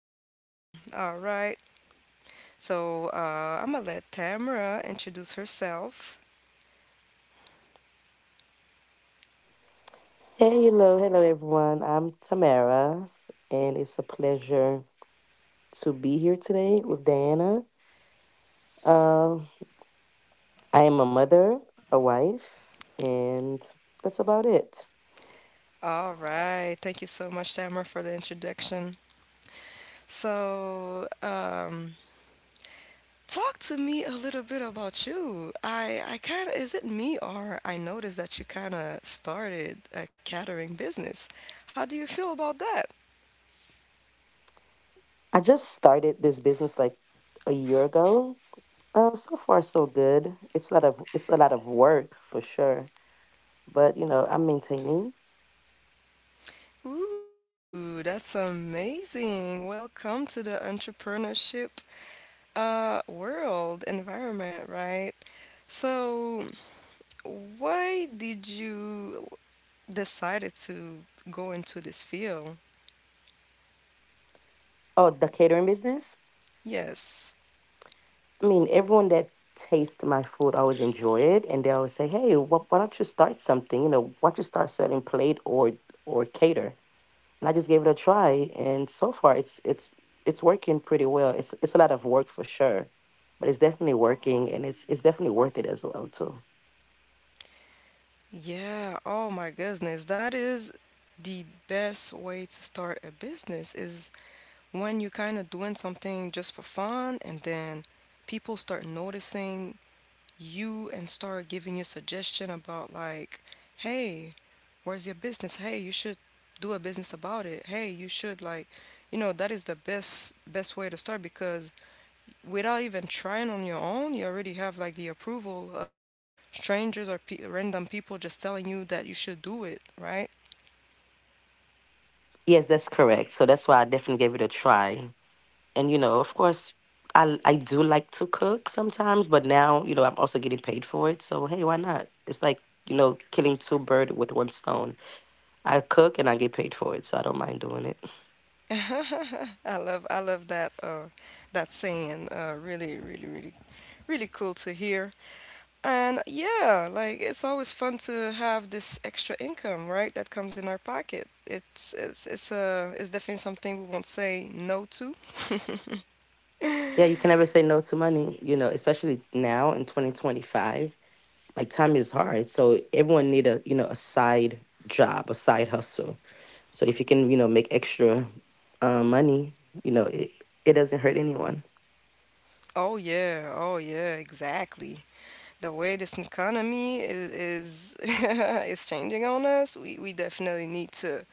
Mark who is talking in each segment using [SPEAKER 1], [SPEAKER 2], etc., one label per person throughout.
[SPEAKER 1] beauty as well. All right. So I'm gonna let Tamara introduce herself.
[SPEAKER 2] Hey, hello, hello everyone. I'm Tamara, and it's a pleasure to be here today with Diana. Um, I am a mother, a wife, and that's about it.
[SPEAKER 1] All right. Thank you so much, Tamara, for the introduction. So, talk to me a little bit about you. I kind of, is it me or I noticed that you kind of started a catering business. How do you feel about that?
[SPEAKER 2] I just started this business like a year ago. So far, so good. It's a lot of work for sure, but you know I'm maintaining.
[SPEAKER 1] Ooh, that's amazing. Welcome to the entrepreneurship world environment, right? So, why did you decided to go into this field?
[SPEAKER 2] Oh, the catering business.
[SPEAKER 1] Yes.
[SPEAKER 2] I mean, everyone that tastes my food always enjoy it, and they always say, "Hey, why don't you start something? You know, why don't you start selling plate or cater?" And I just gave it a try, and so far, it's working pretty well. It's a lot of work for sure, but it's definitely working, and it's definitely worth it as well too.
[SPEAKER 1] Yeah. Oh my goodness. That is the best way to start a business is when you're kind of doing something just for fun and then people start noticing you and start giving you suggestion about like, hey, where's your business? Hey, you should do a business about it. Hey, you should like, you know, that is the best way to start because without even trying on your own, you already have like the approval of strangers or pe- random people just telling you that you should do it, right?
[SPEAKER 2] Yes, that's correct. So that's why I definitely gave it a try. And you know, of course, I do like to cook sometimes, but now, you know, I'm also getting paid for it, so hey, why not? It's like, you know, killing two birds with one stone. I cook and I get paid for it, so I don't mind doing it.
[SPEAKER 1] I love that that saying. Really, really, really, really cool to hear. And yeah, like it's always fun to have this extra income, right? That comes in our pocket. It's definitely something we won't say no to.
[SPEAKER 2] Yeah, you can never say no to money, you know, especially now in 2025. Like, time is hard, so everyone need a, you know, a side job, a side hustle. So if you can, you know, make extra money, you know, it doesn't hurt anyone.
[SPEAKER 1] Oh yeah, oh yeah, exactly. The way this economy is, is changing on us, we definitely need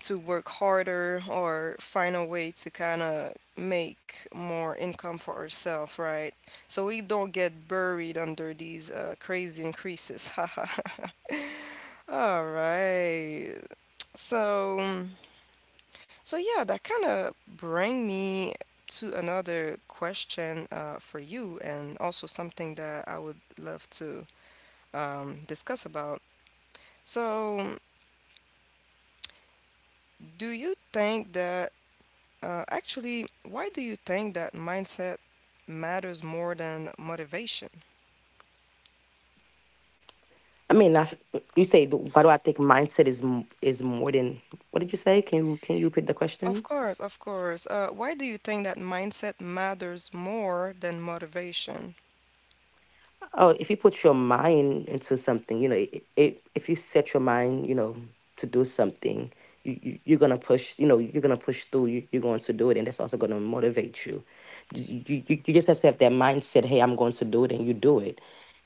[SPEAKER 1] to work harder or find a way to kind of make more income for ourselves, right? So we don't get buried under these crazy increases. All right. So so yeah, that kind of bring me to another question for you, and also something that I would love to discuss about. So, do you think that actually, why do you think that mindset matters more than motivation?
[SPEAKER 2] I mean, not, you say, why do I think mindset is is more than what did you say? Can you repeat the
[SPEAKER 1] Of
[SPEAKER 2] question?
[SPEAKER 1] course, of course. Why do you think that mindset matters more than motivation?
[SPEAKER 2] Oh, if you put your mind into something, you know, if you set your mind, you know, to do something, you're gonna push, you know, you're gonna push through. You're going to do it, and that's also gonna motivate you. You just have to have that mindset. Hey, I'm going to do it, and you do it.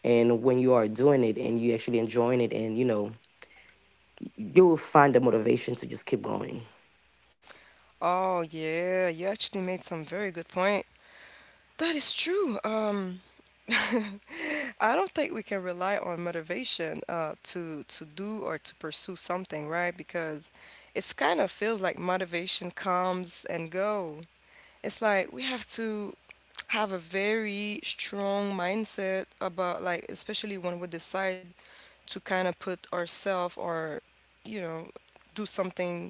[SPEAKER 2] And when you are doing it, and you actually enjoying it, and you know, you will find the motivation to just keep going.
[SPEAKER 1] Oh, yeah, you actually made some very good point. That is true. I don't think we can rely on motivation to do or to pursue something, right? Because it kind of feels like motivation comes and goes. It's like we have to have a very strong mindset about like especially when we decide to kind of put ourselves or you know do something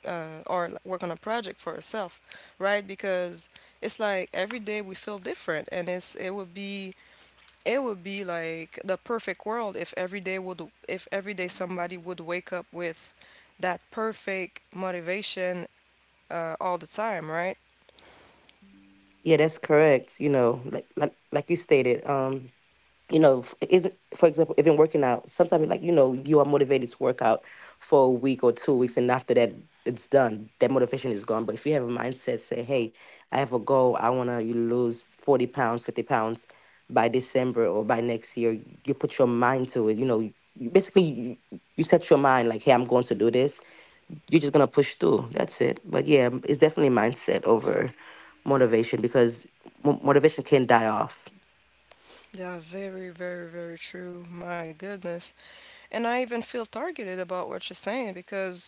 [SPEAKER 1] or like, work on a project for ourselves, right? Because it's like every day we feel different, and it would be like the perfect world if every day would if every day somebody would wake up with that perfect motivation all the time, right?
[SPEAKER 2] Yeah, that's correct. You know, like you stated, you know, isn't for example, even working out. Sometimes, like, you know, you are motivated to work out for a week or 2 weeks, and after that, it's done. That motivation is gone. But if you have a mindset, say, "Hey, I have a goal. I want to lose 40 pounds, 50 pounds by December or by next year." You put your mind to it. You know, basically, you set your mind like, "Hey, I'm going to do this." You're just gonna push through. That's it. But yeah, it's definitely mindset over motivation because mo motivation can die off.
[SPEAKER 1] Yeah, very, very, very true. My goodness. And I even feel targeted about what you're saying because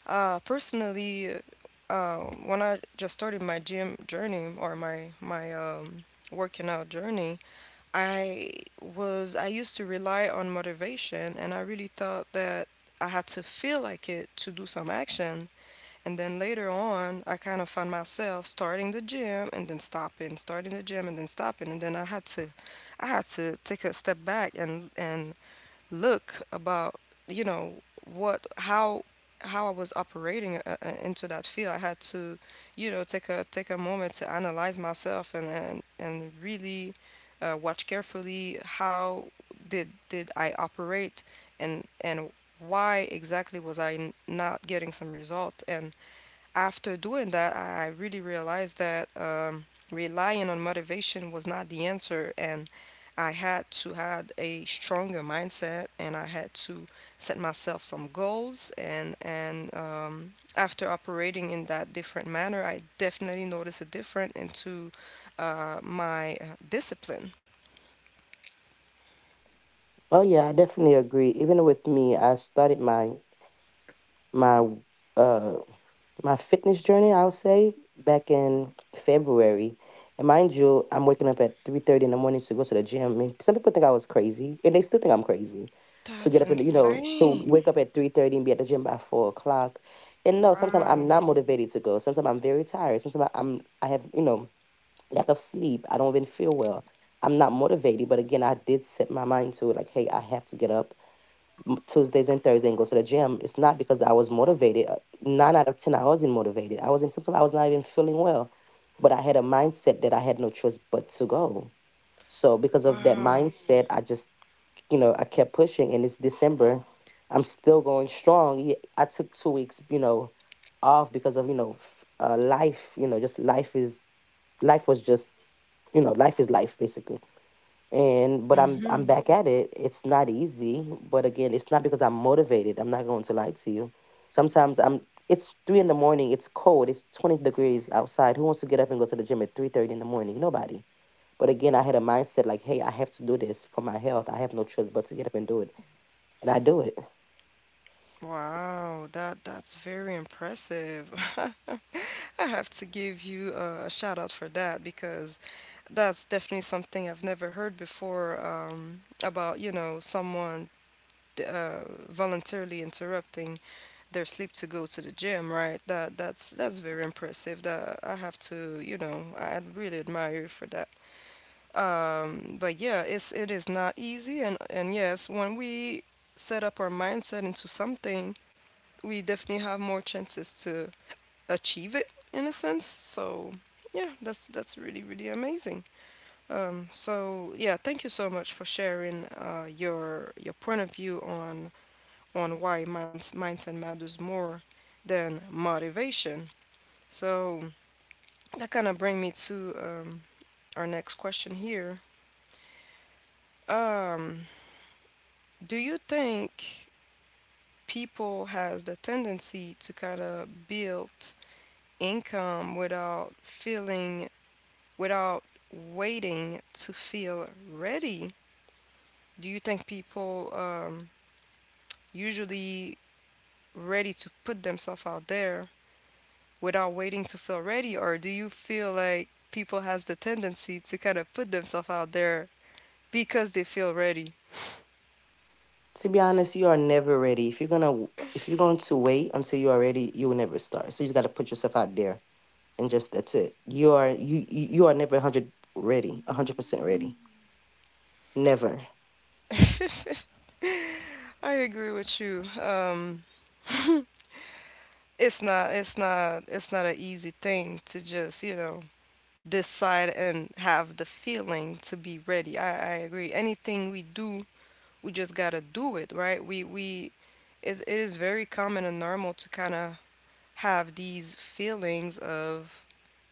[SPEAKER 1] personally, uh, when I just started my gym journey or my working out journey, I I used to rely on motivation and I really thought that I had to feel like it to do some action. And then later on, I kind of found myself starting the gym and then stopping, starting the gym and then stopping. And then I had to take a step back and look about, you know, what how I was operating into that field. I had to, you know, take a take a moment to analyze myself and and really watch carefully how did I operate and why exactly was I n- not getting some result and after doing that, I really realized that relying on motivation was not the answer, and I had to had a stronger mindset, and I had to set myself some goals. And After operating in that different manner, I definitely noticed a difference into my discipline.
[SPEAKER 2] Oh yeah, I definitely agree. Even with me, I started my uh my fitness journey, I'll say, back in February. And mind you, I'm waking up at 3:30 in the morning to go to the gym. And some people think I was crazy, and they still think I'm crazy. To get
[SPEAKER 1] That's
[SPEAKER 2] up and, you know, to wake
[SPEAKER 1] insane.
[SPEAKER 2] up at 3:30 and be at the gym by 4 o'clock. And no, sometimes
[SPEAKER 1] Wow.
[SPEAKER 2] I'm not motivated to go. Sometimes I'm very tired. I have, you know, lack of sleep. I don't even feel well. I'm not motivated. But again, I did set my mind to it, like, hey, I have to get up Tuesdays and Thursdays and go to the gym. It's not because I was motivated. 9 out of 10, I wasn't motivated. I wasn't, sometimes I was not even feeling well, but I had a mindset that I had no choice but to go. So because of that
[SPEAKER 1] Wow.
[SPEAKER 2] mindset, you know, I kept pushing, and it's December. I'm still going strong. I took 2 weeks, you know, off because of, you know, life, you know, just life is, life was just, you know, life is life basically. And but I'm
[SPEAKER 1] Mm-hmm.
[SPEAKER 2] back at it. It's not easy, but again, it's not because I'm motivated. I'm not going to lie to you. Sometimes I'm. It's 3 in the morning. It's cold. It's 20 degrees outside. Who wants to get up and go to the gym at 3:30 in the morning? Nobody. But again, I had a mindset like, hey, I have to do this for my health. I have no choice but to get up and do it, and I do it.
[SPEAKER 1] Wow, that's very impressive. I have to give you a shout out for that because that's definitely something I've never heard before about, you know, someone uh, voluntarily interrupting their sleep to go to the gym, right? That that's very impressive. That I have to, you know, I really admire you for that. But yeah, it's it is not easy, and yes, when we set up our mindset into something, we definitely have more chances to achieve it in a sense. So yeah, that's really really amazing. So yeah, thank you so much for sharing your point of view on why minds, mindset matters more than motivation. So that kind of bring me to our next question here. Um, do you think people has the tendency to kind of build income without feeling without waiting to feel ready? Do you think people usually ready to put themselves out there without waiting to feel ready, or do you feel like people has the tendency to kind of put themselves out there because they feel ready?
[SPEAKER 2] To be honest, you are never ready. If you're going to wait until you're ready, you will never start. So you just got to put yourself out there, and just that's it. You are you you you are never hundred ready, 100% ready. Never.
[SPEAKER 1] I agree with you. It's not an easy thing to just, you know, decide and have the feeling to be ready. I agree. Anything we do we just gotta do it, right? We it is very common and normal to kind of have these feelings of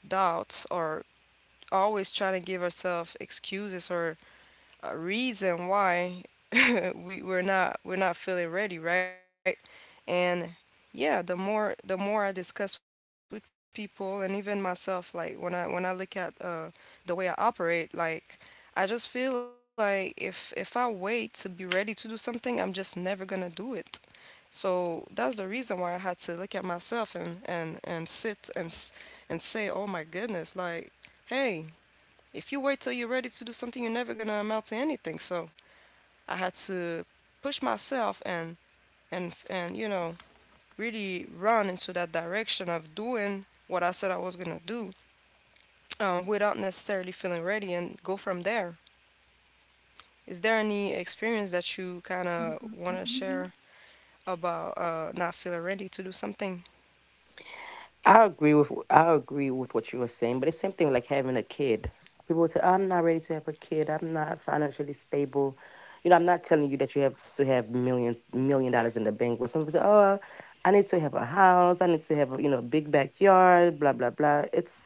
[SPEAKER 1] doubt or always trying to give ourselves excuses or a reason why we we're not feeling ready, right? And yeah, the more I discuss with people and even myself, like when I look at the way I operate, like I just feel like if I wait to be ready to do something, I'm just never gonna do it. So that's the reason why I had to look at myself and and sit and s- and say, oh my goodness, like hey, if you wait till you're ready to do something, you're never gonna amount to anything. So I had to push myself and you know really run into that direction of doing what I said I was gonna do without necessarily feeling ready and go from there. Is there any experience that you kind of want to share about not feeling ready to do something?
[SPEAKER 2] I agree with what you were saying, but it's same thing like having a kid. People would say, "Oh, I'm not ready to have a kid. I'm not financially stable. You know, I'm not telling you that you have to have million dollars in the bank." But some people say, "Oh, I need to have a house. I need to have a, you know, big backyard. Blah blah blah." It's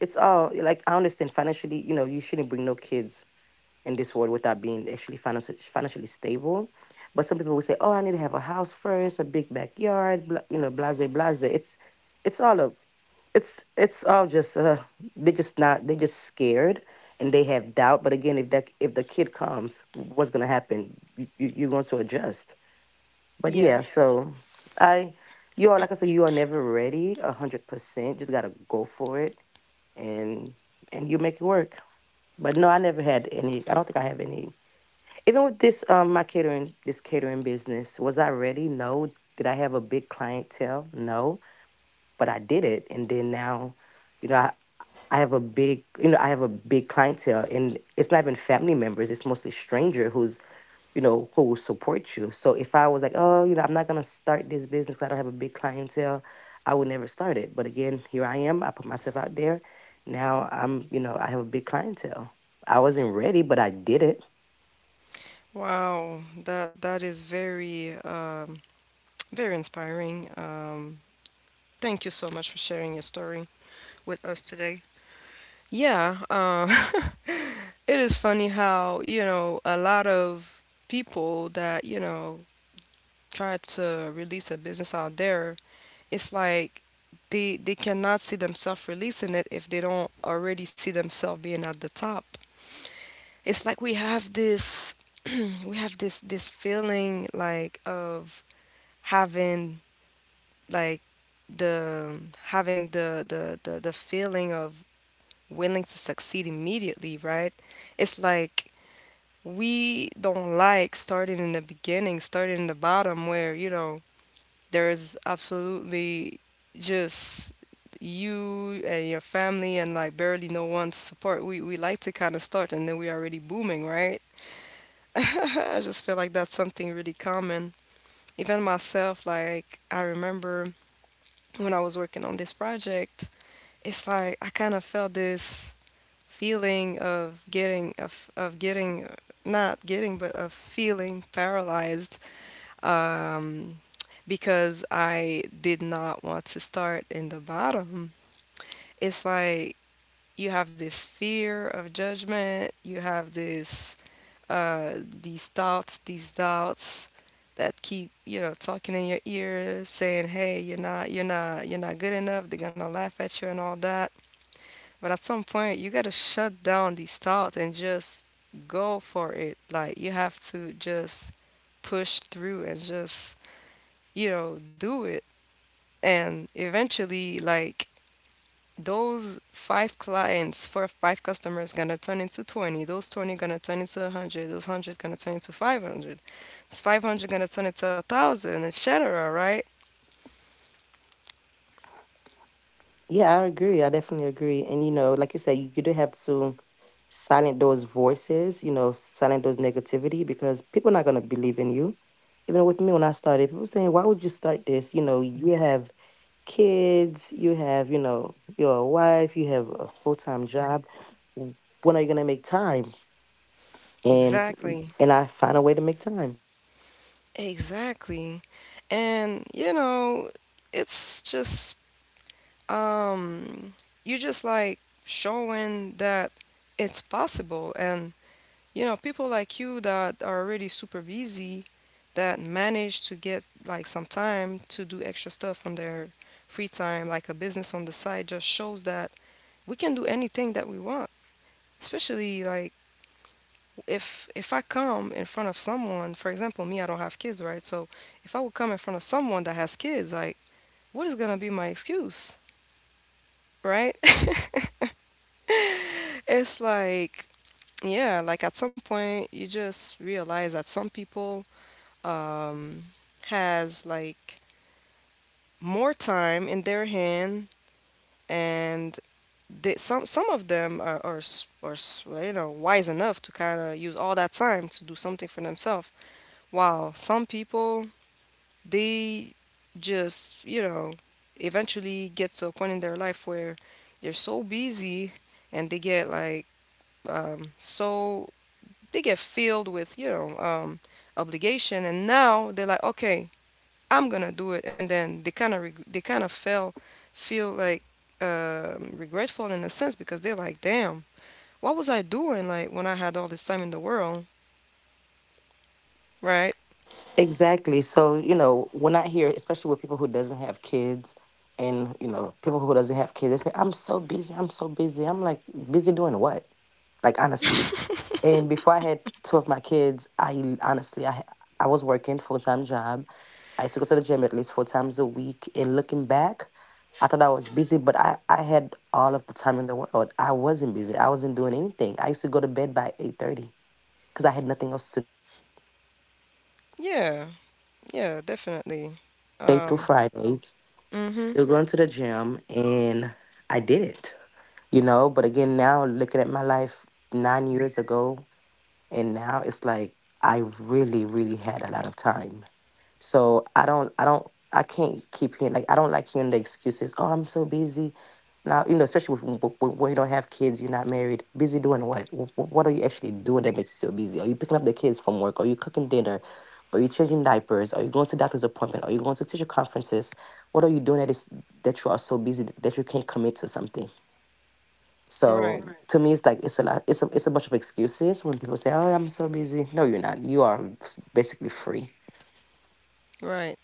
[SPEAKER 2] it's all like, I understand financially. You know, you shouldn't bring no kids in this world without being actually financially stable. But some people will say, "Oh, I need to have a house first, a big backyard, blah, you know, blase, blase." It's all a it's all just, they're just not they're just scared, and they have doubt. But again, if the kid comes, what's gonna happen? You're going to adjust. But yeah.
[SPEAKER 1] Yeah.
[SPEAKER 2] Yeah. so I you are, like I said, you are never ready 100%. Just gotta go for it, and and you make it work. But no, I never had any. I don't think I have any even with this, my catering this catering business. Was I ready? No. Did I have a big clientele? No. But I did it, and then now, you know, I have a big, I have a big clientele, and it's not even family members. It's mostly stranger who's, you know, who will support you. So if I was like, "Oh, you know, I'm not going to start this business 'cause I don't have a big clientele," I would never start it. But again, here I am. I put myself out there. Now I'm, you know, I have a big clientele. I wasn't ready, but I did it.
[SPEAKER 1] Wow. That is very very inspiring. Thank you so much for sharing your story with us today. Yeah. It is funny how, you know, a lot of people that, you know, try to release a business out there, it's like they cannot see themselves releasing it if they don't already see themselves being at the top. It's like we have this we have this feeling like of having like the having the feeling of willing to succeed immediately, right? It's like we don't like starting in the beginning, starting in the bottom where, you know, there's absolutely just you and your family and like barely no one to support. We like to kind of start and then we already booming, right? I just feel like that's something really common. Even myself, like I remember when I was working on this project, it's like I kind of felt this feeling of getting of getting not getting but of feeling paralyzed um, because I did not want to start in the bottom. It's like you have this fear of judgment, you have this uh, these thoughts, these doubts that keep you know talking in your ear saying hey you're not good enough they're gonna laugh at you and all that but at some point, you gotta shut down these thoughts and just go for it. Like, you have to just push through and just, you know, do it. And eventually, like, those five clients, four or five customers gonna turn into 20. Those 20 gonna turn into 100. Those 100 gonna turn into 500. It's 500 gonna turn into 1,000, etc., right?
[SPEAKER 2] Yeah, I agree. I definitely agree. And you know, like you said, you do have to silence those voices, you know, silence those negativity, because people are not gonna believe in you. Even with me when I started, people saying, "Why would you start this? You know, you have kids, you have, you know, your wife, you have a full time job. W- When are you gonna make time?" And
[SPEAKER 1] Exactly.
[SPEAKER 2] and I find a way to make time.
[SPEAKER 1] Exactly. And, you know, it's just um, you just like showing that it's possible. And, you know, people like you that are already super busy that manage to get like some time to do extra stuff on their free time, like a business on the side, just shows that we can do anything that we want. Especially like if I come in front of someone, for example, me, I don't have kids, right? So if I would come in front of someone that has kids, like what is gonna be my excuse, right? It's like, yeah, like at some point you just realize that some people um has like more time in their hand and they, some of them are s- well, you know, wise enough to kind of use all that time to do something for themselves. While some people they just, you know, eventually get to a point in their life where they're so busy and they get like um, so they get filled with, you know, obligation, and now they're like, okay, I'm gonna do it, and then they kind of feel like regretful in a sense because they're like, damn, what was I doing like when I had all this time in the world, right?
[SPEAKER 2] Exactly. So, you know, when I hear, especially with people who doesn't have kids and, you know, people who doesn't have kids, they say, "I'm so busy, I'm so busy." I'm like, busy doing what? Like, honestly. And before I had two of my kids, I honestly I was working full time job. I used to go to the gym at least 4 times a week. And looking back, I thought I was busy, but I had all of the time in the world. I wasn't busy. I wasn't doing anything. I used to go to bed by 8:30 because I had nothing else
[SPEAKER 1] Yeah, yeah, definitely.
[SPEAKER 3] Through
[SPEAKER 1] Um,
[SPEAKER 3] Friday,
[SPEAKER 1] mm-hmm.
[SPEAKER 3] still going to the gym, and I did it. You know, but again, now looking at my life 9 years ago, and now it's like I really, really had a lot of time so I don't, I don't, I can't keep hearing, like, I don't like hearing the excuses. Oh, I'm so busy. Now, you know, especially with, when you don't have kids, you're not married. Busy doing what? What are you actually doing that makes you so busy? Are you picking up the kids from work? Are you cooking dinner? Are you changing diapers? Are you going to doctor's appointment? Are you going to teacher conferences? What are you doing that is that you are so busy that you can't commit to something? So,
[SPEAKER 1] Right,
[SPEAKER 3] right, to me, it's like it's a lot. It's a bunch of excuses when people say, "Oh, I'm so busy." No, you're not. You are basically free.
[SPEAKER 1] right.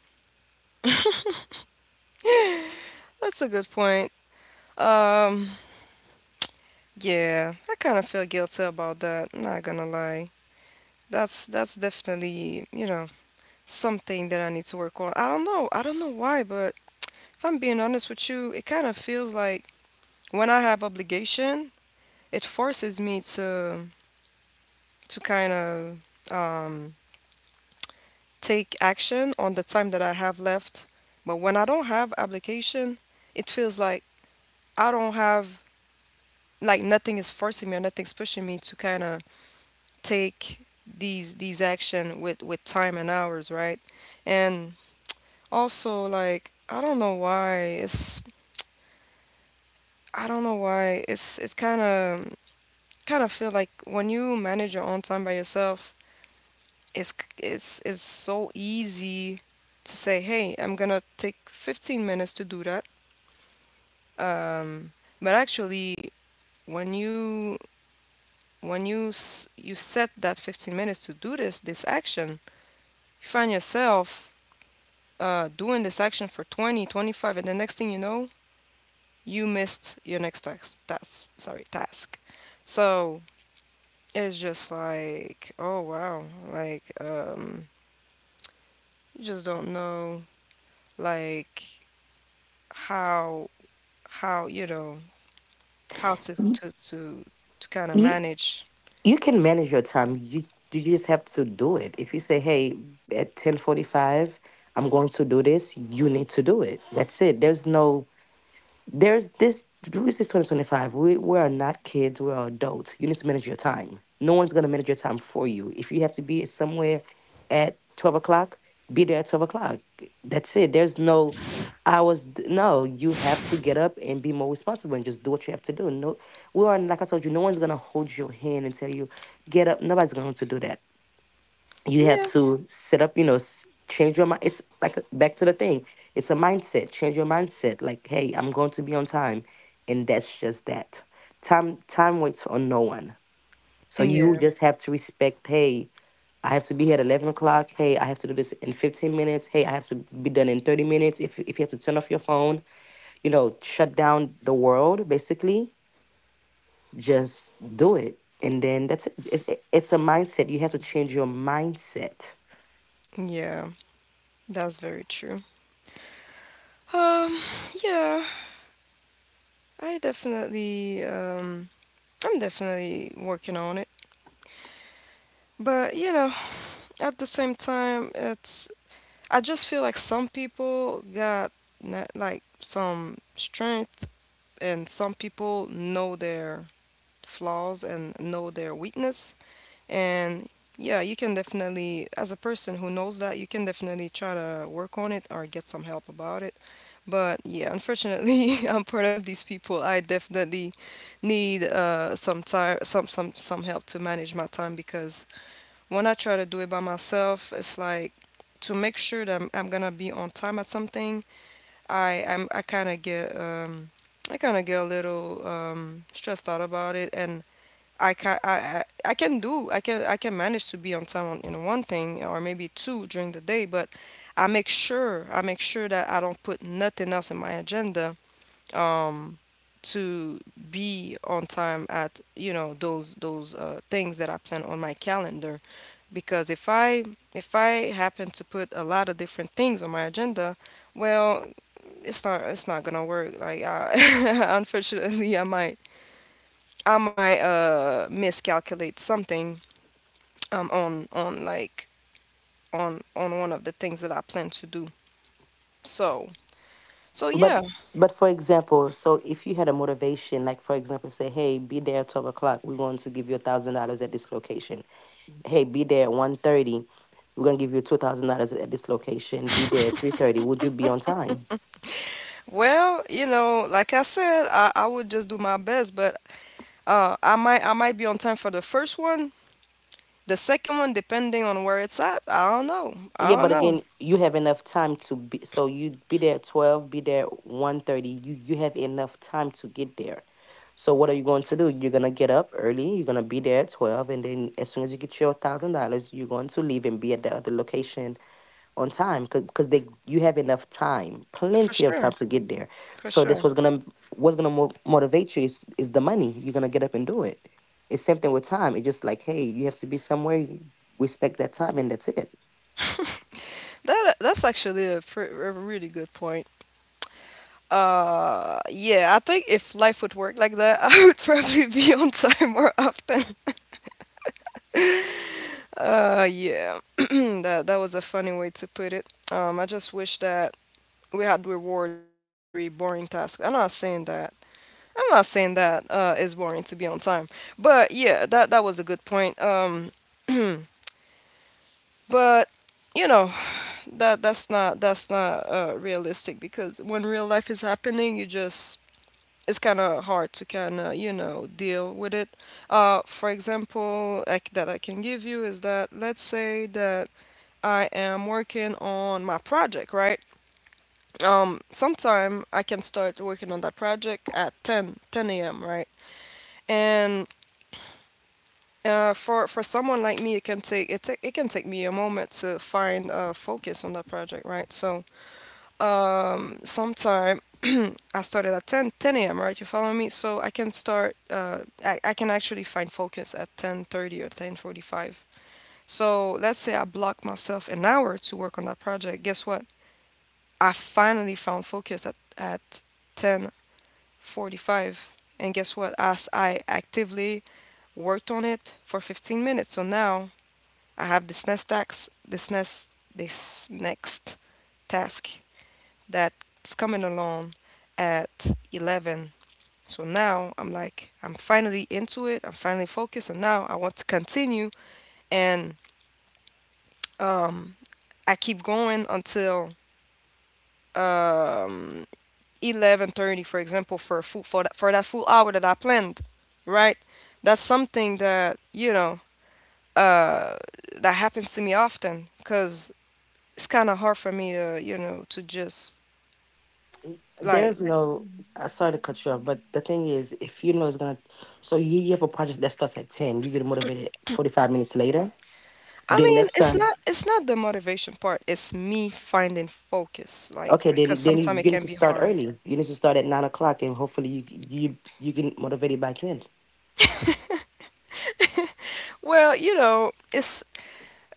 [SPEAKER 1] That's a good point. Um, yeah, I kind of feel guilty about that. Not gonna lie. That's definitely, you know, something that I need to work on. I don't know. I don't know why, but if I'm being honest with you, it kind of feels like when I have obligation, it forces me to to kind of um, take action on the time that I have left. But when I don't have obligation, it feels like I don't have, like, nothing is forcing me or nothing's pushing me to kind of take these action with time and hours, right? And also, like, I don't know why it's I don't know why. It's kind of feel like when you manage your own time by yourself, it's c- it's so easy to say, "Hey, I'm gonna take 15 minutes to do that." Um, but actually, when you you set that 15 minutes to do this action, you find yourself doing this action for 20, 25, and the next thing you know, you missed your next task. Task, sorry, task. So it's just like, oh, wow, like, you just don't know, like, how how you know how to kind of manage.
[SPEAKER 3] You can manage your time. You just have to do it. If you say, "Hey, at 10:45, I'm going to do this," you need to do it. That's it. There's no there's this, this is 2025. We are not kids, we are adults. You need to manage your time. No one's going to manage your time for you. If you have to be somewhere at 12 o'clock, be there at 12 o'clock. That's it. There's no, I was, no, You have to get up and be more responsible and just do what you have to do. No, we are, like I told you, no one's going to hold your hand and tell you, get up. Nobody's going to do that. You have
[SPEAKER 1] Yeah,
[SPEAKER 3] to set up, you know, change your mind. It's like, back to the thing, it's a mindset. Change your mindset, like, hey, I'm going to be on time, and that's just that. Time waits on no one, so you
[SPEAKER 1] yeah,
[SPEAKER 3] just have to respect, hey, I have to be here at 11 o'clock, hey, I have to do this in 15 minutes, hey, I have to be done in 30 minutes. If you have to turn off your phone, you know, shut down the world, basically, just do it, and then that's it. It's a mindset. You have to change your mindset.
[SPEAKER 1] yeah. That's very true. Um, yeah, I definitely I'm definitely working on it. But, you know, at the same time, it's, I just feel like some people got like some strength, and some people know their flaws and know their weakness, and yeah, you can definitely, as a person who knows that, you can definitely try to work on it or get some help about it. But yeah, unfortunately, I'm part of these people. I definitely need some time, some help to manage my time, because when I try to do it by myself, it's like, to make sure that I'm gonna be on time at something, I kind of get I kind of get a little stressed out about it. And I can I, I I can do I can manage to be on time on, in one thing or maybe two during the day. But I make sure that I don't put nothing else in my agenda um to be on time at, you know, those things that I plan on my calendar. Because if I, if I happen to put a lot of different things on my agenda, well, it's not gonna work. Like, I, unfortunately, I might miscalculate something on, on one of the things that I plan to do. So, so yeah.
[SPEAKER 3] But but for example, so if you had a motivation, like, for example, say, hey, be there at 12 o'clock. We want to give you $1,000 at this location. Hey, be there at 1:30. We're gonna give you $2,000 at this location. Be there at 3:30. Would you be on time?
[SPEAKER 1] Well, you know, like I said, I would just do my best, but I might be on time for the first one. The second one, depending on where it's at, I don't know.
[SPEAKER 3] Yeah,
[SPEAKER 1] I don't
[SPEAKER 3] but
[SPEAKER 1] know
[SPEAKER 3] again, you have enough time to be, so you be there at 12, be there 1:30. You have enough time to get there. So what are you going to do? You're gonna get up early, you're gonna be there at 12, and then as soon as you get your $1,000, you're going to leave and be at the other location on time because they you have enough time,
[SPEAKER 1] for
[SPEAKER 3] plenty of time
[SPEAKER 1] sure.
[SPEAKER 3] to get there.
[SPEAKER 1] For
[SPEAKER 3] So that's
[SPEAKER 1] sure.
[SPEAKER 3] what's gonna motivate you is the money. You're gonna get up and do it. It's same thing with time. It's just like, hey, you have to be somewhere, respect that time, and that's it.
[SPEAKER 1] That's actually a, a really good point. Yeah, I think if life would work like that, I would probably be on time more often. Yeah, that was a funny way to put it. I just wish that we had rewards for very boring tasks. I'm not saying that. I'm not saying that it's boring to be on time, but yeah, that was a good point. But, you know, that's not realistic, because when real life is happening, you just, it's kind of hard to kind of, you know, deal with it. For example, like, that I can give you is that, let's say that I am working on my project, right? Sometime I can start working on that project at 10:10 a.m., right? And for someone like me, it can take me a moment to find focus on that project, right? So sometimes I started at 10, 10 a.m., right? You follow me? So I can start, I can actually find focus at 10:30 or 10:45. So let's say I block myself an hour to work on that project. Guess what? I finally found focus at 10:45. And guess what? As I actively worked on it for 15 minutes. So now I have this next task, this next task that's coming along at 11. So now I'm like, I'm finally into it. I'm finally focused. And now I want to continue. And um, I keep going until um, 11:30, for example, for that full hour that I planned, right? That's something that, you know, uh, that happens to me often because it's kind of hard for me to, you know, to just, like,
[SPEAKER 3] There's no. I sorry to cut you off, but the thing is, if you know it's gonna, so you have a project that starts at ten, you get motivated 45 minutes later.
[SPEAKER 1] I
[SPEAKER 3] Then
[SPEAKER 1] mean,
[SPEAKER 3] next
[SPEAKER 1] it's
[SPEAKER 3] time,
[SPEAKER 1] not it's not the motivation part. It's me finding focus, like,
[SPEAKER 3] okay, then
[SPEAKER 1] because
[SPEAKER 3] then you,
[SPEAKER 1] sometimes it
[SPEAKER 3] you need
[SPEAKER 1] can
[SPEAKER 3] to
[SPEAKER 1] be
[SPEAKER 3] start
[SPEAKER 1] hard.
[SPEAKER 3] early. You need to start at 9 o'clock, and hopefully you get motivated by ten.
[SPEAKER 1] Well, you know, it's,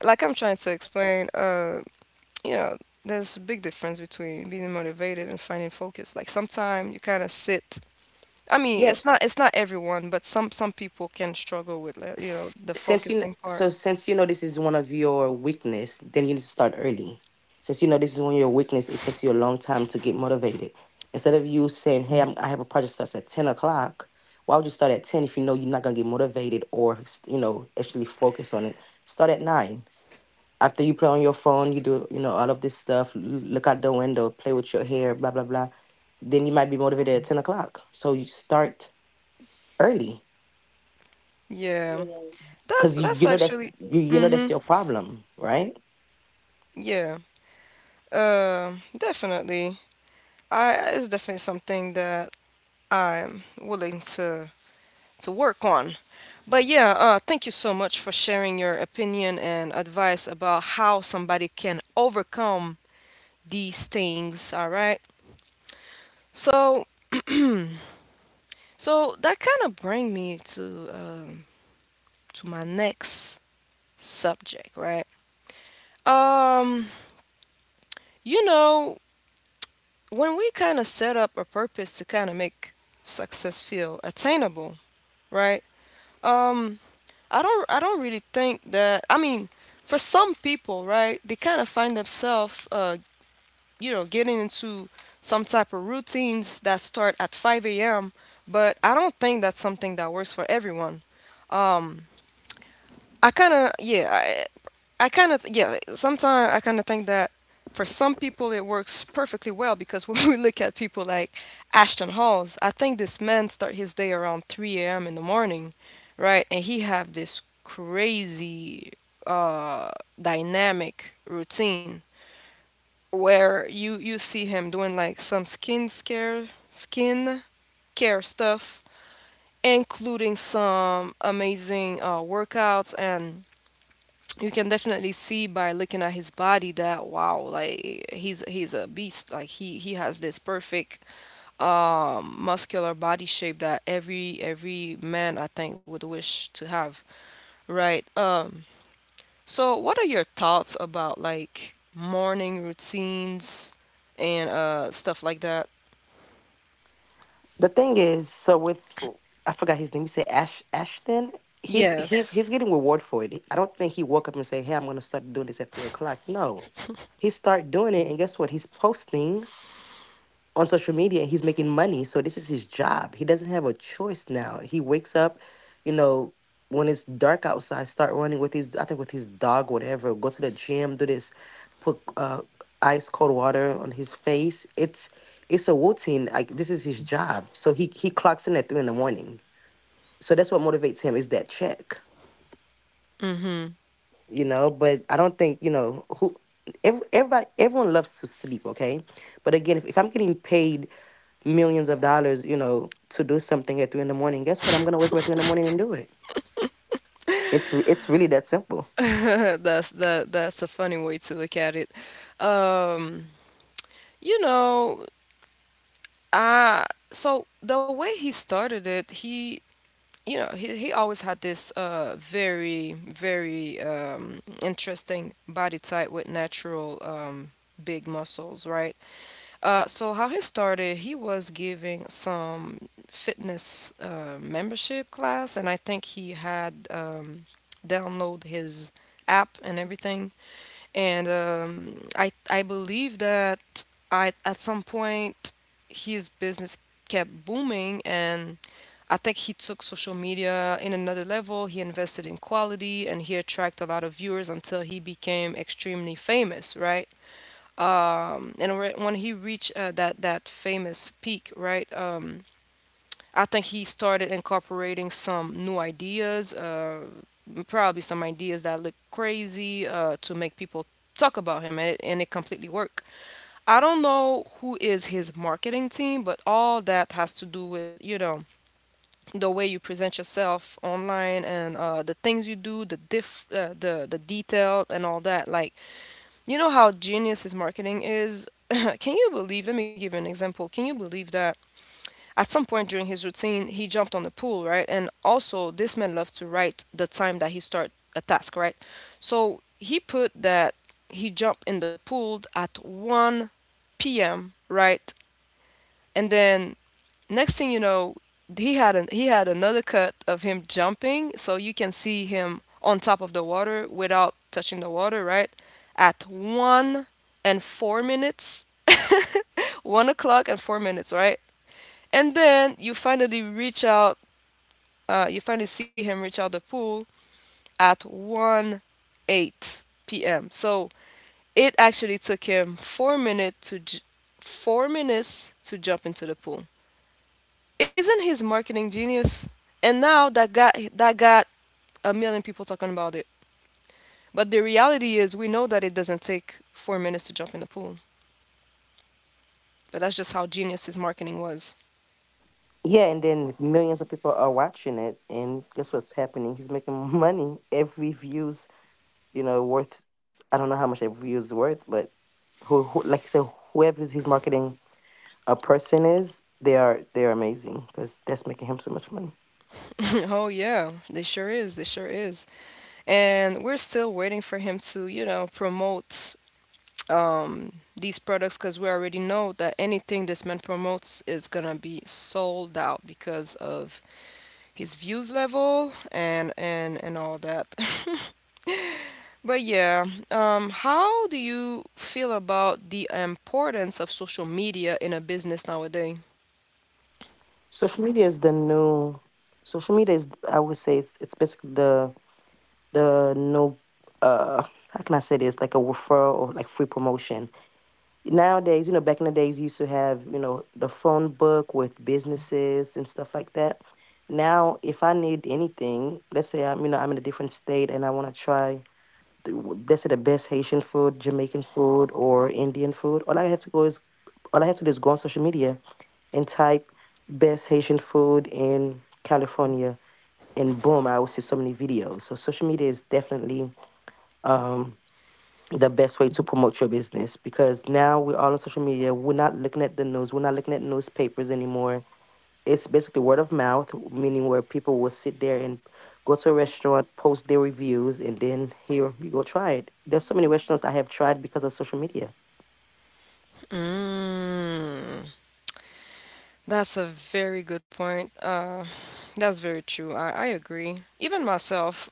[SPEAKER 1] like I'm trying to explain, you know, there's a big difference between being motivated and finding focus. Like, sometimes you kind of sit. I mean,
[SPEAKER 3] Yeah.
[SPEAKER 1] it's not everyone, but some people can struggle with, like, you know, the focusing part.
[SPEAKER 3] Since you know this is one of your weakness, then you need to start early. Since you know this is one of your weakness, it takes you a long time to get motivated. Instead of you saying, hey, I have a project starts at 10 o'clock, why would you start at 10 if you know you're not going to get motivated or you know actually focus on it. Start at 9 after you play on your phone, you do, you know, all of this stuff, look out the window, play with your hair, blah blah blah, then you might be motivated at 10 o'clock, so you start early
[SPEAKER 1] Yeah. That's
[SPEAKER 3] because you,
[SPEAKER 1] that's
[SPEAKER 3] you know that's
[SPEAKER 1] actually,
[SPEAKER 3] you know
[SPEAKER 1] mm-hmm.
[SPEAKER 3] that's your problem, right?
[SPEAKER 1] Yeah. Definitely. I It's definitely something that I'm willing to work on. But yeah, thank you so much for sharing your opinion and advice about how somebody can overcome these things. All right. So, so that kind of bring me um, to my next subject, right? Um, you know, when we kind of set up a purpose to kind of make success feel attainable, right? Um, I don't really think that, I mean, for some people, right, they kind of find themselves you know, getting into some type of routines that start at 5 a.m. But I don't think that's something that works for everyone. I kind of yeah, I kind of yeah. Sometimes I kind of think that for some people it works perfectly well, because when we look at people like Ashton Halls, I think this man start his day around 3 a.m. in the morning, right? And he have this crazy uh dynamic routine where you see him doing like some skin care stuff, including some amazing workouts. And you can definitely see by looking at his body that, wow, like, he's a beast. Like, he has this perfect muscular body shape that every man, I think, would wish to have, right? So what are your thoughts about, like, morning routines and stuff like that?
[SPEAKER 3] The thing is, so with I forgot his name. You say Ash Ashton. He's yes,
[SPEAKER 1] Yes.
[SPEAKER 3] he's getting reward for it. I don't think he woke up and say, "Hey, I'm gonna start doing this at 3 o'clock." No, he start doing it, and guess what? He's posting on social media and he's making money. So this is his job. He doesn't have a choice now. He wakes up, you know, when it's dark outside, start running with his, I think with his dog, whatever, go to the gym, do this, put ice cold water on his face. It's a routine. Like, this is his job. So he clocks in at three in the morning. So that's what motivates him is that check. You know, but I don't think, you know, who everybody, everyone loves to sleep, okay? But again, if I'm getting paid millions of dollars, you know, to do something at three in the morning, guess what? I'm gonna wake up at three in the morning and do it. It's really that simple.
[SPEAKER 1] That's a funny way to look at it. um you know, I so the way he started it, he, you know, he always had this very interesting body type with natural big muscles, right? So how he started: he was giving some fitness membership class, and I think he had download his app and everything. And I believe that, I at some point, his business kept booming, and I think he took social media in another level. He invested in quality, and he attracted a lot of viewers until he became extremely famous, right? And when he reached that that famous peak, right? I think he started incorporating some new ideas, probably some ideas that look crazy to make people talk about him, and it completely worked. I don't know who is his marketing team, but all that has to do with, you know, the way you present yourself online and the things you do, the detail and all that. Like, you know how genius his marketing is. Can you believe? Let me give you an example. Can you believe that at some point during his routine, he jumped on the pool, right? And also, this man loved to write the time that he start a task, right? So he put that he jumped in the pool at 1 p.m., right? And then next thing you know, he had an, he had another cut of him jumping, so you can see him on top of the water without touching the water, right? At 1 and 4 minutes, 1 o'clock and 4 minutes, right? And then you finally reach out you finally see him reach out the pool at 1 8 p.m. So it actually took him 4 minutes to 4 minutes to jump into the pool. Isn't his marketing genius? And now that got 1 million people talking about it. But the reality is, we know that it doesn't take 4 minutes to jump in the pool. But that's just how genius his marketing was.
[SPEAKER 3] Yeah, and then millions of people are watching it and guess what's happening, he's making money every views, you know, worth. I don't know how much every view is worth, but who, like you said, whoever's his marketing a person is, they are, they are amazing because that's making him so much money.
[SPEAKER 1] Oh yeah, they sure is. They sure is. And we're still waiting for him to, promote these products because we already know that anything this man promotes is gonna be sold out because of his views level and all that. But yeah, how do you feel about the importance of social media in a business nowadays?
[SPEAKER 3] Social media is the new. Social media is, I would say, it's basically the new. Uh, how can I say this? Like a referral or like free promotion. Nowadays, you know, back in the days, you used to have, you know, the phone book with businesses and stuff like that. Now, if I need anything, let's say I'm, you know, I'm in a different state and I want to try, let's say, the best Haitian food, Jamaican food, or Indian food. All I have to do is go on social media and type best Haitian food in California, and boom, I will see so many videos. So social media is definitely the best way to promote your business because now we're all on social media. We're not looking at the news. We're not looking at newspapers anymore. It's basically word of mouth, meaning where people will sit there and go to a restaurant, post their reviews, and then here you go, try it. There's so many restaurants I have tried because of social media.
[SPEAKER 1] Mm, that's a very good point. That's very true. I agree. Even myself,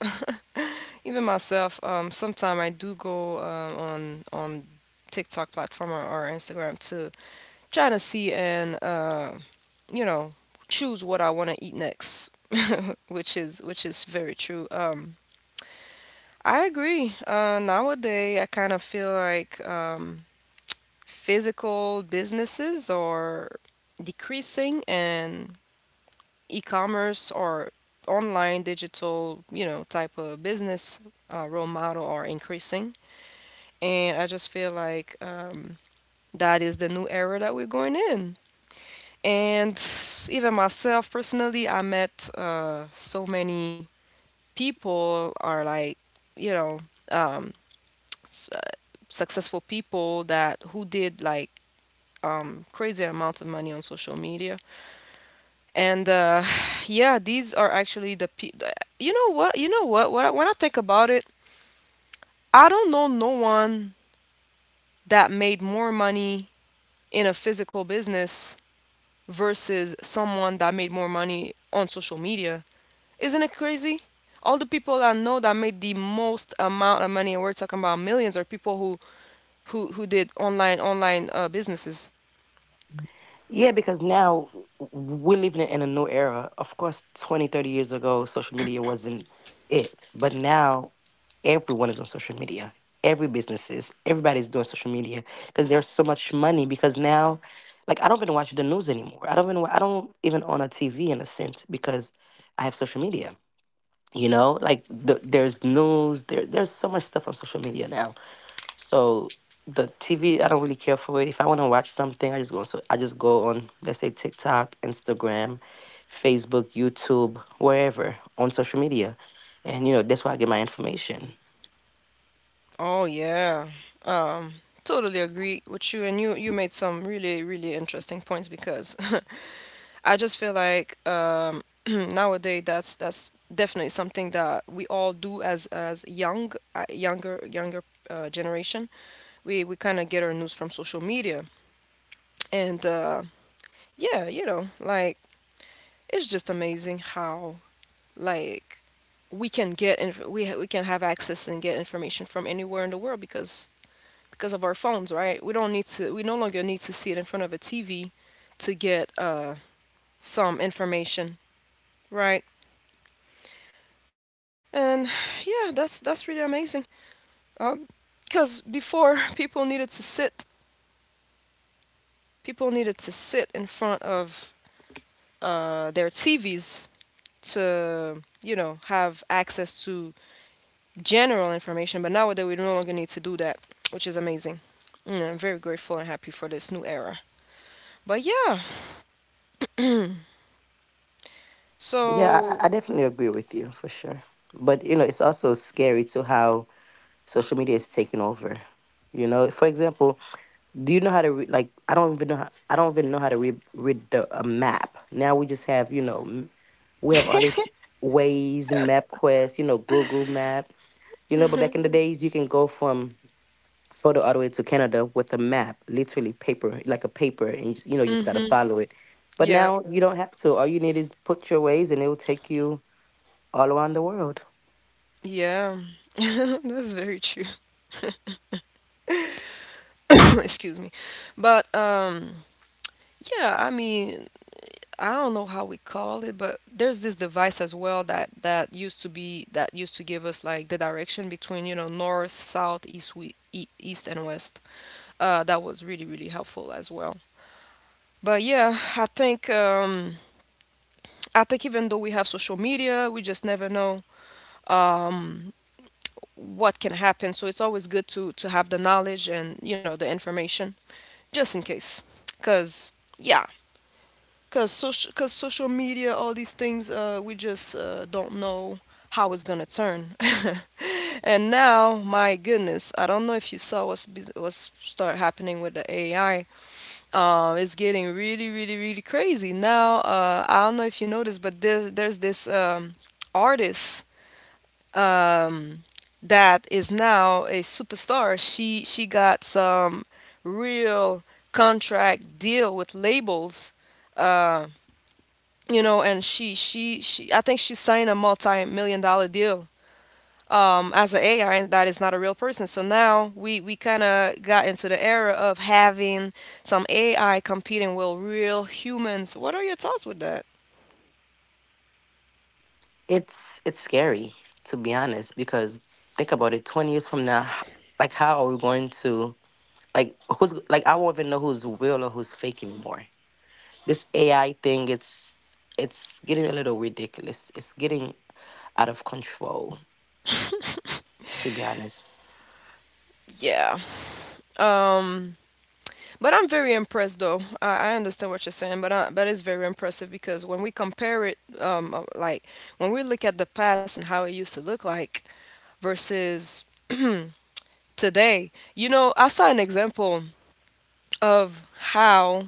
[SPEAKER 1] even myself, sometimes I do go on TikTok platform or Instagram to trying to see and you know choose what I want to eat next, which is very true. I agree. Nowadays, I kind of feel like physical businesses are decreasing and e-commerce or online digital, you know, type of business role model are increasing. And I just feel like that is the new era that we're going in. And even myself personally, I met so many people are like, you know, um, s- uh, successful people that who did like crazy amounts of money on social media. And yeah, these are actually the people. You know what? You know what? When I think about it, I don't know no one that made more money in a physical business versus someone that made more money on social media. Isn't it crazy? All the people I know that made the most amount of money, and we're talking about millions, are people who who did online businesses.
[SPEAKER 3] Yeah, because now we're living in a new era. Of course, 20, 30 years ago, social media wasn't it. But now everyone is on social media. Every businesses, everybody's doing social media because there's so much money. Because now, like, I don't even watch the news anymore. I don't even own a TV in a sense because I have social media. You know, like, there's news, there's so much stuff on social media now. So the TV, I don't really care for it. If I want to watch something, I just go on, let's say, TikTok, Instagram, Facebook, YouTube, wherever on social media, and you know that's where I get my information.
[SPEAKER 1] Oh yeah, um, totally agree with you, and you made some really interesting points because I just feel like nowadays that's definitely something that we all do as younger generation. We kind of get our news from social media, and yeah, you know, like it's just amazing how, like, we can get inf- we ha- we can have access and get information from anywhere in the world because of our phones, right? We don't need to, we no longer need to see it in front of a TV to get some information, right? And yeah, that's really amazing. um because before, people needed to sit in front of their TVs to, you know, have access to general information. But nowadays, we no longer need to do that, which is amazing. Mm, I'm very grateful and happy for this new era. But yeah,
[SPEAKER 3] Yeah,
[SPEAKER 1] so
[SPEAKER 3] I definitely agree with you for sure, but you know it's also scary to how social media is taking over. You know, for example, do you know how to read? Like, I don't even know. How, I don't even know how to read the a map. Now we just have, you know, we have all this Waze, MapQuest, you know, Google Map. You know, but back in the days, you can go from Florida all the way to Canada with a map, literally paper, like a paper, and you, just, you know, you just gotta follow it. But
[SPEAKER 1] yeah,
[SPEAKER 3] now you don't have to. All you need is put your Waze, and it will take you all around the world.
[SPEAKER 1] yeah, that's very true. Excuse me. But yeah, I mean, I don't know how we call it, but there's this device as well that used to give us like the direction between, you know, north, south, east, east and west. That was really helpful as well. But yeah, I think I think even though we have social media, we just never know um, what can happen, so it's always good to have the knowledge and, you know, the information, just in case. Because yeah, because social media, all these things, we just don't know how it's gonna turn. And now, my goodness, I don't know if you saw what's start happening with the AI. It's getting really crazy now. I don't know if you noticed, but there's this artist, um, that is now a superstar. She got some real contract deal with labels, uh, you know, and she she. I think she signed a multi-million-dollar deal as an AI, and that is not a real person. So now we kind of got into the era of having some AI competing with real humans. What are your thoughts with that?
[SPEAKER 3] It's scary, to be honest, because think about it. 20 years from now, like, how are we going to? Like, who's like, I won't even know who's real or who's fake anymore. This AI thing, it's getting a little ridiculous. It's getting out of control, to be honest.
[SPEAKER 1] Yeah. Um, but I'm very impressed though. I understand what you're saying, but it's very impressive because when we compare it, like when we look at the past and how it used to look like versus today, you know, I saw an example of how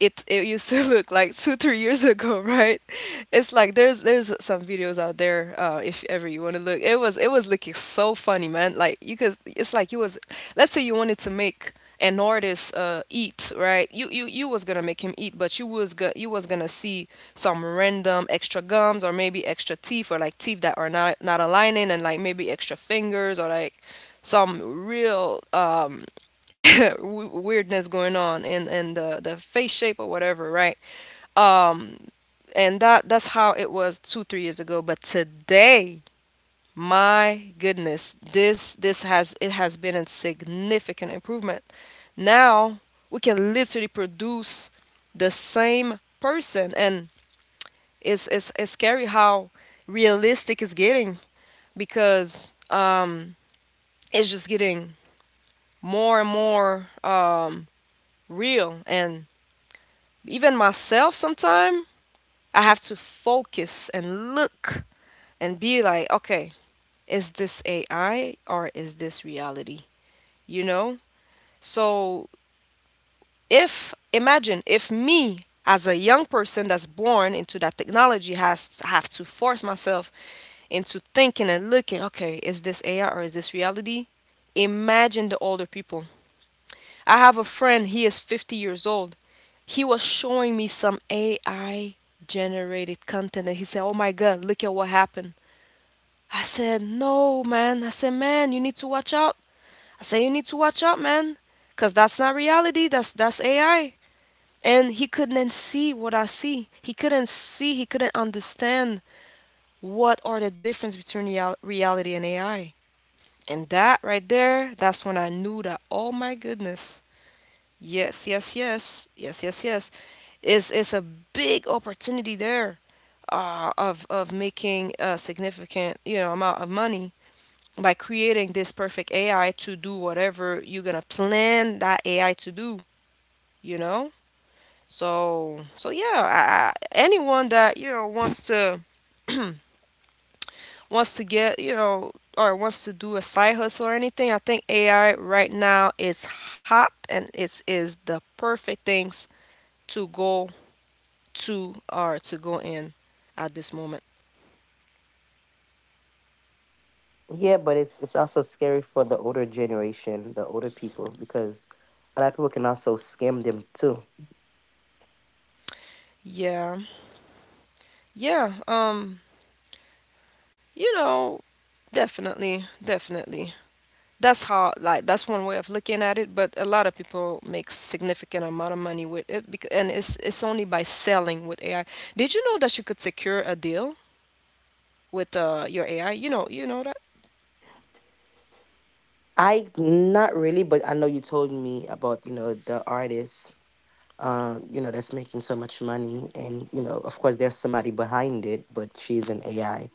[SPEAKER 1] it used to look like 2 3 years ago. Right, it's like there's some videos out there. If ever you want to look, it was looking so funny, man. Like you could, it's like you was let's say you wanted to make an artist eat, right? You was gonna make him eat, but you was gonna see some random extra gums, or maybe extra teeth, or like teeth that are not aligning, and like maybe extra fingers, or like some real weirdness going on in the face shape or whatever, right? Um, and that's how it was 2 3 years ago. But today, my goodness, this has it has been a significant improvement. Now we can literally produce the same person, and it's scary how realistic it's getting because it's just getting more and more real. And even myself sometimes, I have to focus and look and be like, okay, is this AI or is this reality? You know, so if, imagine if me, as a young person that's born into that technology, has have to force myself into thinking and looking, okay, is this AI or is this reality? Imagine the older people. I have a friend, he is 50 years old. He was showing me some AI generated content, and he said, oh my God, look at what happened. I said, no, man. I said, man, you need to watch out. I said, you need to watch out, man. Cause that's not reality. That's AI. And he couldn't see what I see. He couldn't understand what are the difference between reality and AI. And that right there, that's when I knew that, oh my goodness. Yes, yes, yes. Yes, yes, yes. It's a big opportunity there. Of making a significant, you know, amount of money by creating this perfect AI to do whatever you're gonna plan that AI to do. You know, so so yeah, anyone that you know wants to get, you know, or wants to do a side hustle or anything, I think AI right now is hot, and it's is the perfect things to go to or to go in at this moment.
[SPEAKER 3] Yeah, but it's also scary for the older generation, the older people, because a lot of people can also scam them too.
[SPEAKER 1] Yeah, yeah. You know, definitely. That's how, like, that's one way of looking at it, but a lot of people make significant amount of money with it, because, and it's only by selling with AI. Did you know that you could secure a deal with your AI? You know that?
[SPEAKER 3] I not really, but I know you told me about the artist, that's making so much money, and of course there's somebody behind it, but she's an AI.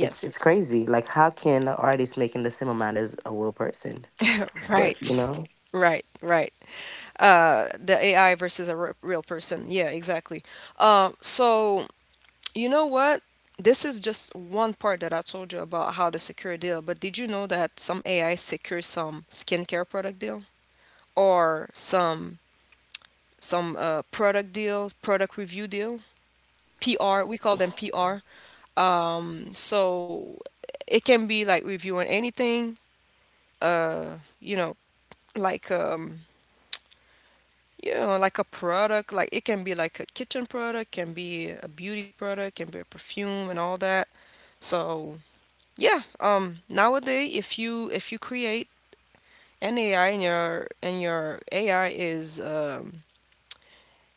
[SPEAKER 3] It's crazy. Like how can an artist making the same amount as a real person? But you
[SPEAKER 1] Right.
[SPEAKER 3] know,
[SPEAKER 1] Right. The AI versus a real person. Yeah, exactly. So, you know what? This is just one part that I told you about how to secure a deal, but did you know that some AI secures some skincare product deal or some product deal, product review deal, PR, we call them PR. So it can be like reviewing anything, uh, you know, like um, you know, like a product, like it can be like a kitchen product, can be a beauty product, can be a perfume and all that. So Yeah, Nowadays, if you create an AI, and your AI is um,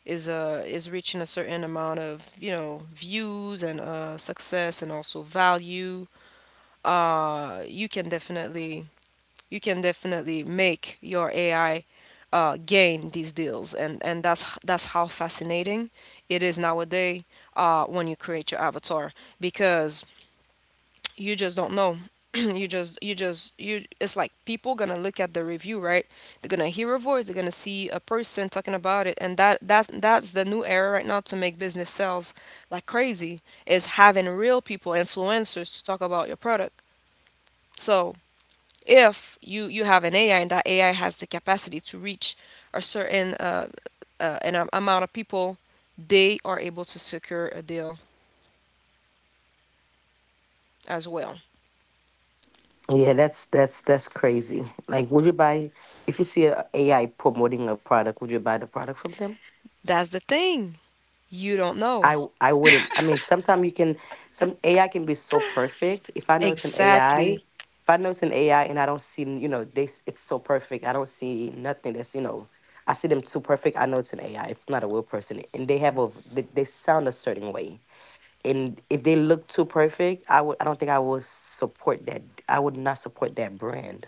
[SPEAKER 1] is uh, is reaching a certain amount of views and success and also value, you can definitely, you can definitely make your AI gain these deals, and that's how fascinating it is nowadays when you create your avatar, because you just don't know. you just you just you it's like people gonna look at the review, right? They're gonna hear a voice, they're gonna see a person talking about it, and that's the new era right now to make business sales like crazy, is having real people, influencers, to talk about your product. So if you have an ai and that ai has the capacity to reach a certain amount of people, they are able to secure a deal as well.
[SPEAKER 3] yeah, that's crazy. Like, would you buy if you see a AI promoting a product? Would you buy the product from them?
[SPEAKER 1] That's the thing, you don't know.
[SPEAKER 3] I wouldn't. I mean, sometimes you can. Some AI can be so perfect. If I know it's an AI.
[SPEAKER 1] Exactly.
[SPEAKER 3] If I know it's an AI and I don't see, it's so perfect. I don't see nothing that's, I see them too perfect. I know it's an AI. It's not a real person, and they sound a certain way and if they look too perfect, I don't think I would support that. I would not support that brand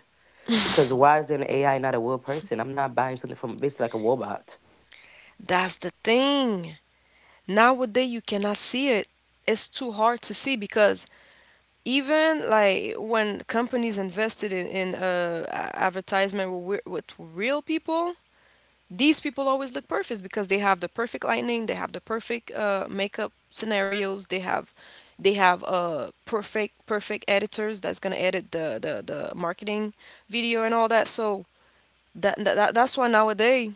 [SPEAKER 3] because why is there an AI not a real person? I'm not buying something from basically like a robot.
[SPEAKER 1] That's the thing. Nowadays, you cannot see it. It's too hard to see, because even like when companies invested in advertisement with real people, these people always look perfect because they have the perfect lighting, they have the perfect makeup scenarios, they have, they have perfect editors that's gonna edit the marketing video and all that. So that's why nowadays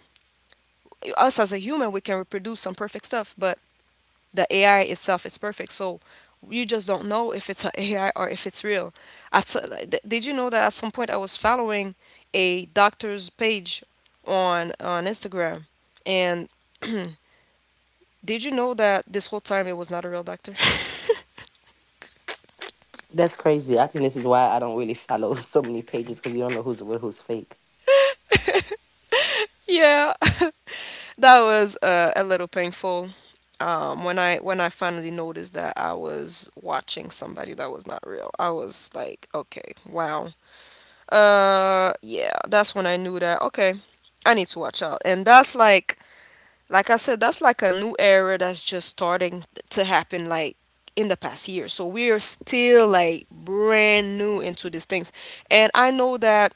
[SPEAKER 1] us, as a human, we can reproduce some perfect stuff, but the ai itself is perfect, so you just don't know if it's an ai or if it's real. At, so- like, th- Did you know that at some point I was following a doctor's page on instagram, and did you know that this whole time it was not a real doctor?
[SPEAKER 3] That's crazy. I think this is why I don't really follow so many pages because you don't know who's real, who's fake.
[SPEAKER 1] Yeah. That was a little painful. When I finally noticed that I was watching somebody that was not real, I was like, okay, wow. Yeah, that's when I knew that. Okay, I need to watch out. And that's like I said, that's like a new era that's just starting to happen, like in the past year. So we're still like brand new into these things. And I know that.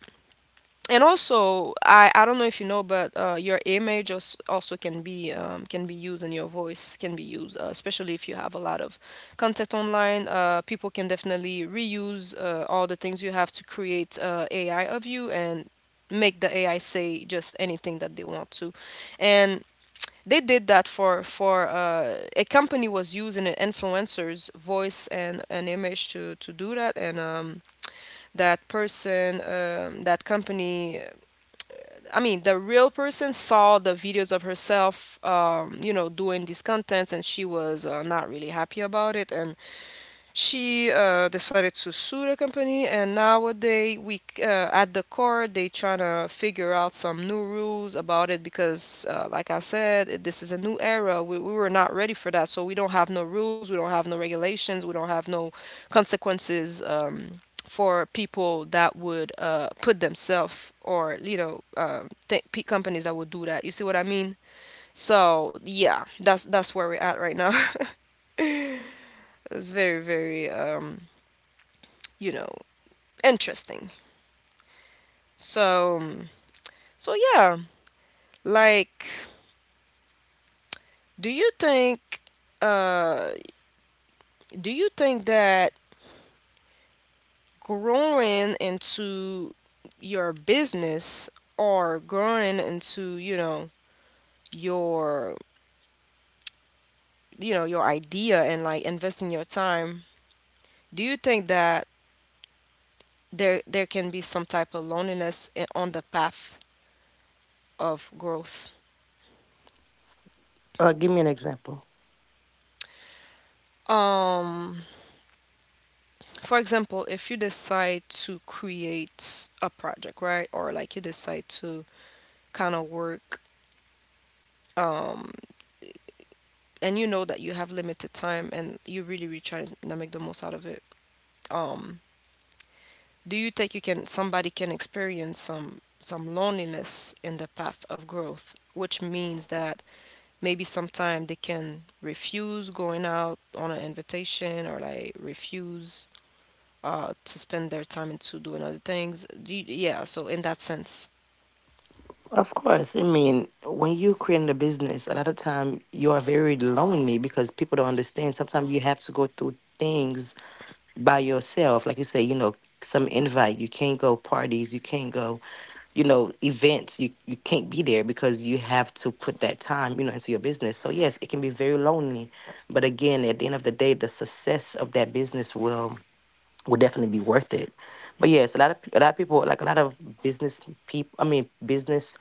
[SPEAKER 1] And also I don't know if you know, but your image also can be used, and your voice can be used, especially if you have a lot of content online. People can definitely reuse all the things you have to create ai of you and make the ai say just anything that they want to. And they did that for a company was using an influencer's voice and an image to do that. And that person, that company, I mean, the real person saw the videos of herself, you know, doing these contents, and she was not really happy about it. And she decided to sue the company. And nowadays we at the court, they trying to figure out some new rules about it because, like I said, this is a new era. We were not ready for that, so we don't have no rules, we don't have no regulations, we don't have no consequences for people that would put themselves, or you know th- pe companies that would do that. You see what I mean? So yeah, that's where we're at right now. It's very very you know interesting. So, so like, do you think, uh, do you think that growing into your business, or growing into, your, you know, your idea, and like investing your time, do you think that there can be some type of loneliness on the path of growth?
[SPEAKER 3] Give me an example.
[SPEAKER 1] Um, For example, if you decide to create a project, right? Or like you decide to kind of work um and you know that you have limited time, and you really really try to make the most out of it. Um do you think you can, somebody can experience some loneliness in the path of growth, which means that maybe sometime they can refuse going out on an invitation, or like refuse to spend their time into doing other things. Do you, yeah, so in that sense.
[SPEAKER 3] Of course, I mean when you create a business, a lot of time you are very lonely because people don't understand. Sometimes you have to go through things by yourself, like you say, some invite. You can't go parties. You can't go events you can't be there because you have to put that time into your business. So yes, it can be very lonely, but again, at the end of the day, the success of that business will definitely be worth it. But yes, a lot of people, like a lot of business people, I mean business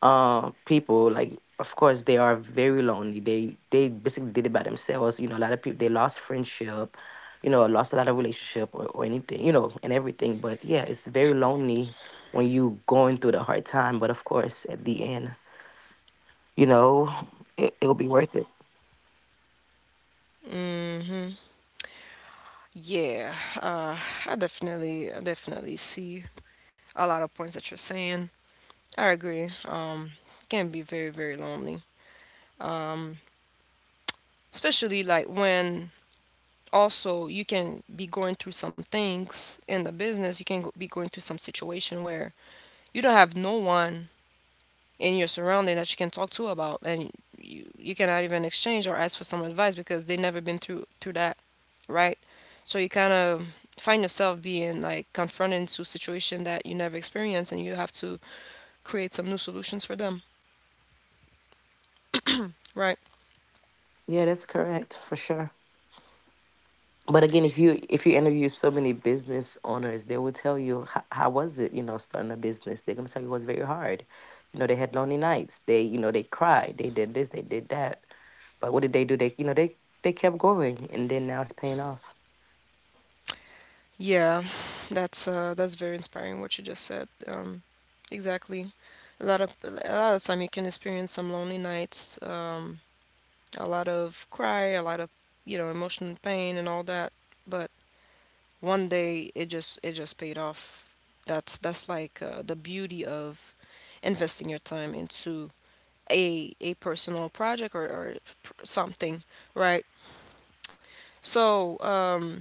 [SPEAKER 3] people, like of course they are very lonely. They basically did it by themselves. You know, a lot of people, they lost friendship, lost a lot of relationship or anything, you know, and everything. But yeah, it's very lonely when you going through the hard time, but of course at the end, you know, it'll be worth it.
[SPEAKER 1] Hmm. Yeah, uh, I definitely see a lot of points that you're saying. I agree. It can be very, very lonely, especially like when also you can be going through some things in the business. You can go, be going through some situation where you don't have no one in your surrounding that you can talk to about, and you cannot even exchange or ask for some advice because they've never been through that, right? So you kind of find yourself being like confronted to a situation that you never experienced, and you have to create some new solutions for them, right?
[SPEAKER 3] Yeah, that's correct for sure. But again, if you interview so many business owners, they will tell you how was it, you know, starting a business. They're going to tell you it was very hard. You know, they had lonely nights. They, you know, they cried, they did this, they did that. But what did they do? They, you know, they kept going, and then now it's paying off.
[SPEAKER 1] Yeah, that's very inspiring what you just said. Exactly. A lot of a lot of time, you can experience some lonely nights, a lot of cry, a lot of, you know, emotional pain and all that. But one day, it just paid off. That's like the beauty of investing your time into a personal project, or something, right? So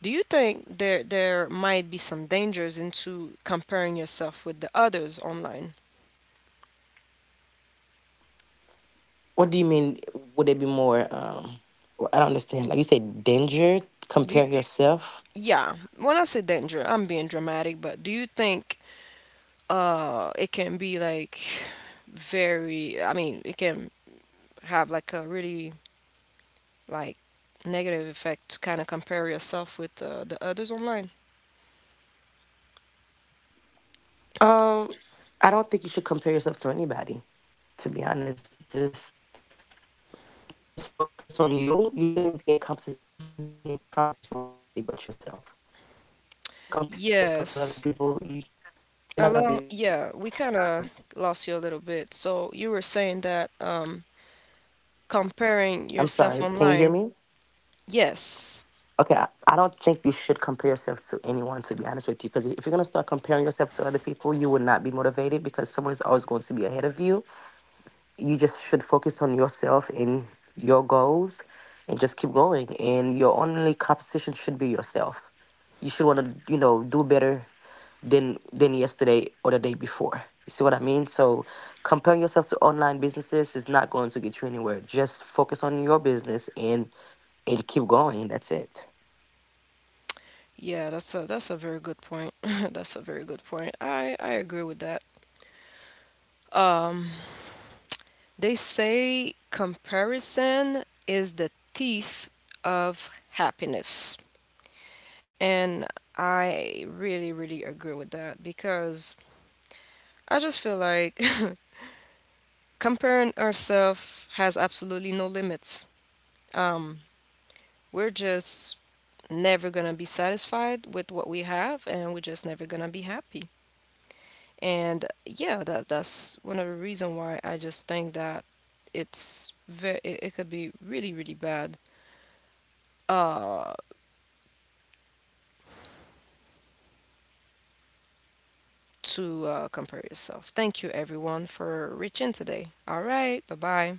[SPEAKER 1] do you think there might be some dangers into comparing yourself with the others online?
[SPEAKER 3] What do you mean? Would it be more well, I don't understand. Like you said danger,
[SPEAKER 1] do you,
[SPEAKER 3] compare yourself.
[SPEAKER 1] yeah, when I say danger, I'm being dramatic, but do you think it can be like very, I mean it can have like a really, like, negative effect to kind of compare yourself with the others online?
[SPEAKER 3] um I don't think you should compare yourself to anybody, to be honest. Just focus on you. You shouldn't you should not be in competition with nobody but yourself. Because if you're gonna compare yourself to other people,
[SPEAKER 1] Yes.
[SPEAKER 3] you're not gonna be motivated.
[SPEAKER 1] Allow,
[SPEAKER 3] Because
[SPEAKER 1] yeah, we kind of lost you a little bit. So you were saying that
[SPEAKER 3] I'm
[SPEAKER 1] comparing
[SPEAKER 3] sorry, can
[SPEAKER 1] yourself
[SPEAKER 3] you hear me?
[SPEAKER 1] online. Yes.
[SPEAKER 3] Okay, I don't think you should compare yourself to anyone, to be honest with you, because if you're gonna start comparing yourself to other people, you will not be motivated because someone is always going to be ahead of you. You just should focus on yourself and your goals and just keep going. And your only competition should be yourself. You should want to, you know, do better than yesterday or the day before. You see what I mean? So comparing yourself to online businesses is not going to get you anywhere. Just focus on your business and keep going. That's it.
[SPEAKER 1] Yeah, that's a, that's a very good point. That's a very good point. I agree with that. Um, they say comparison is the thief of happiness. And I really, really agree with that, because I just feel like comparing ourselves has absolutely no limits. Um, we're just never gonna be satisfied with what we have, and we're just never gonna be happy. And yeah, that that's one of the reason why I just think that it's very, it could be really really bad uh to compare yourself. Thank you everyone for reaching today. All right, bye bye.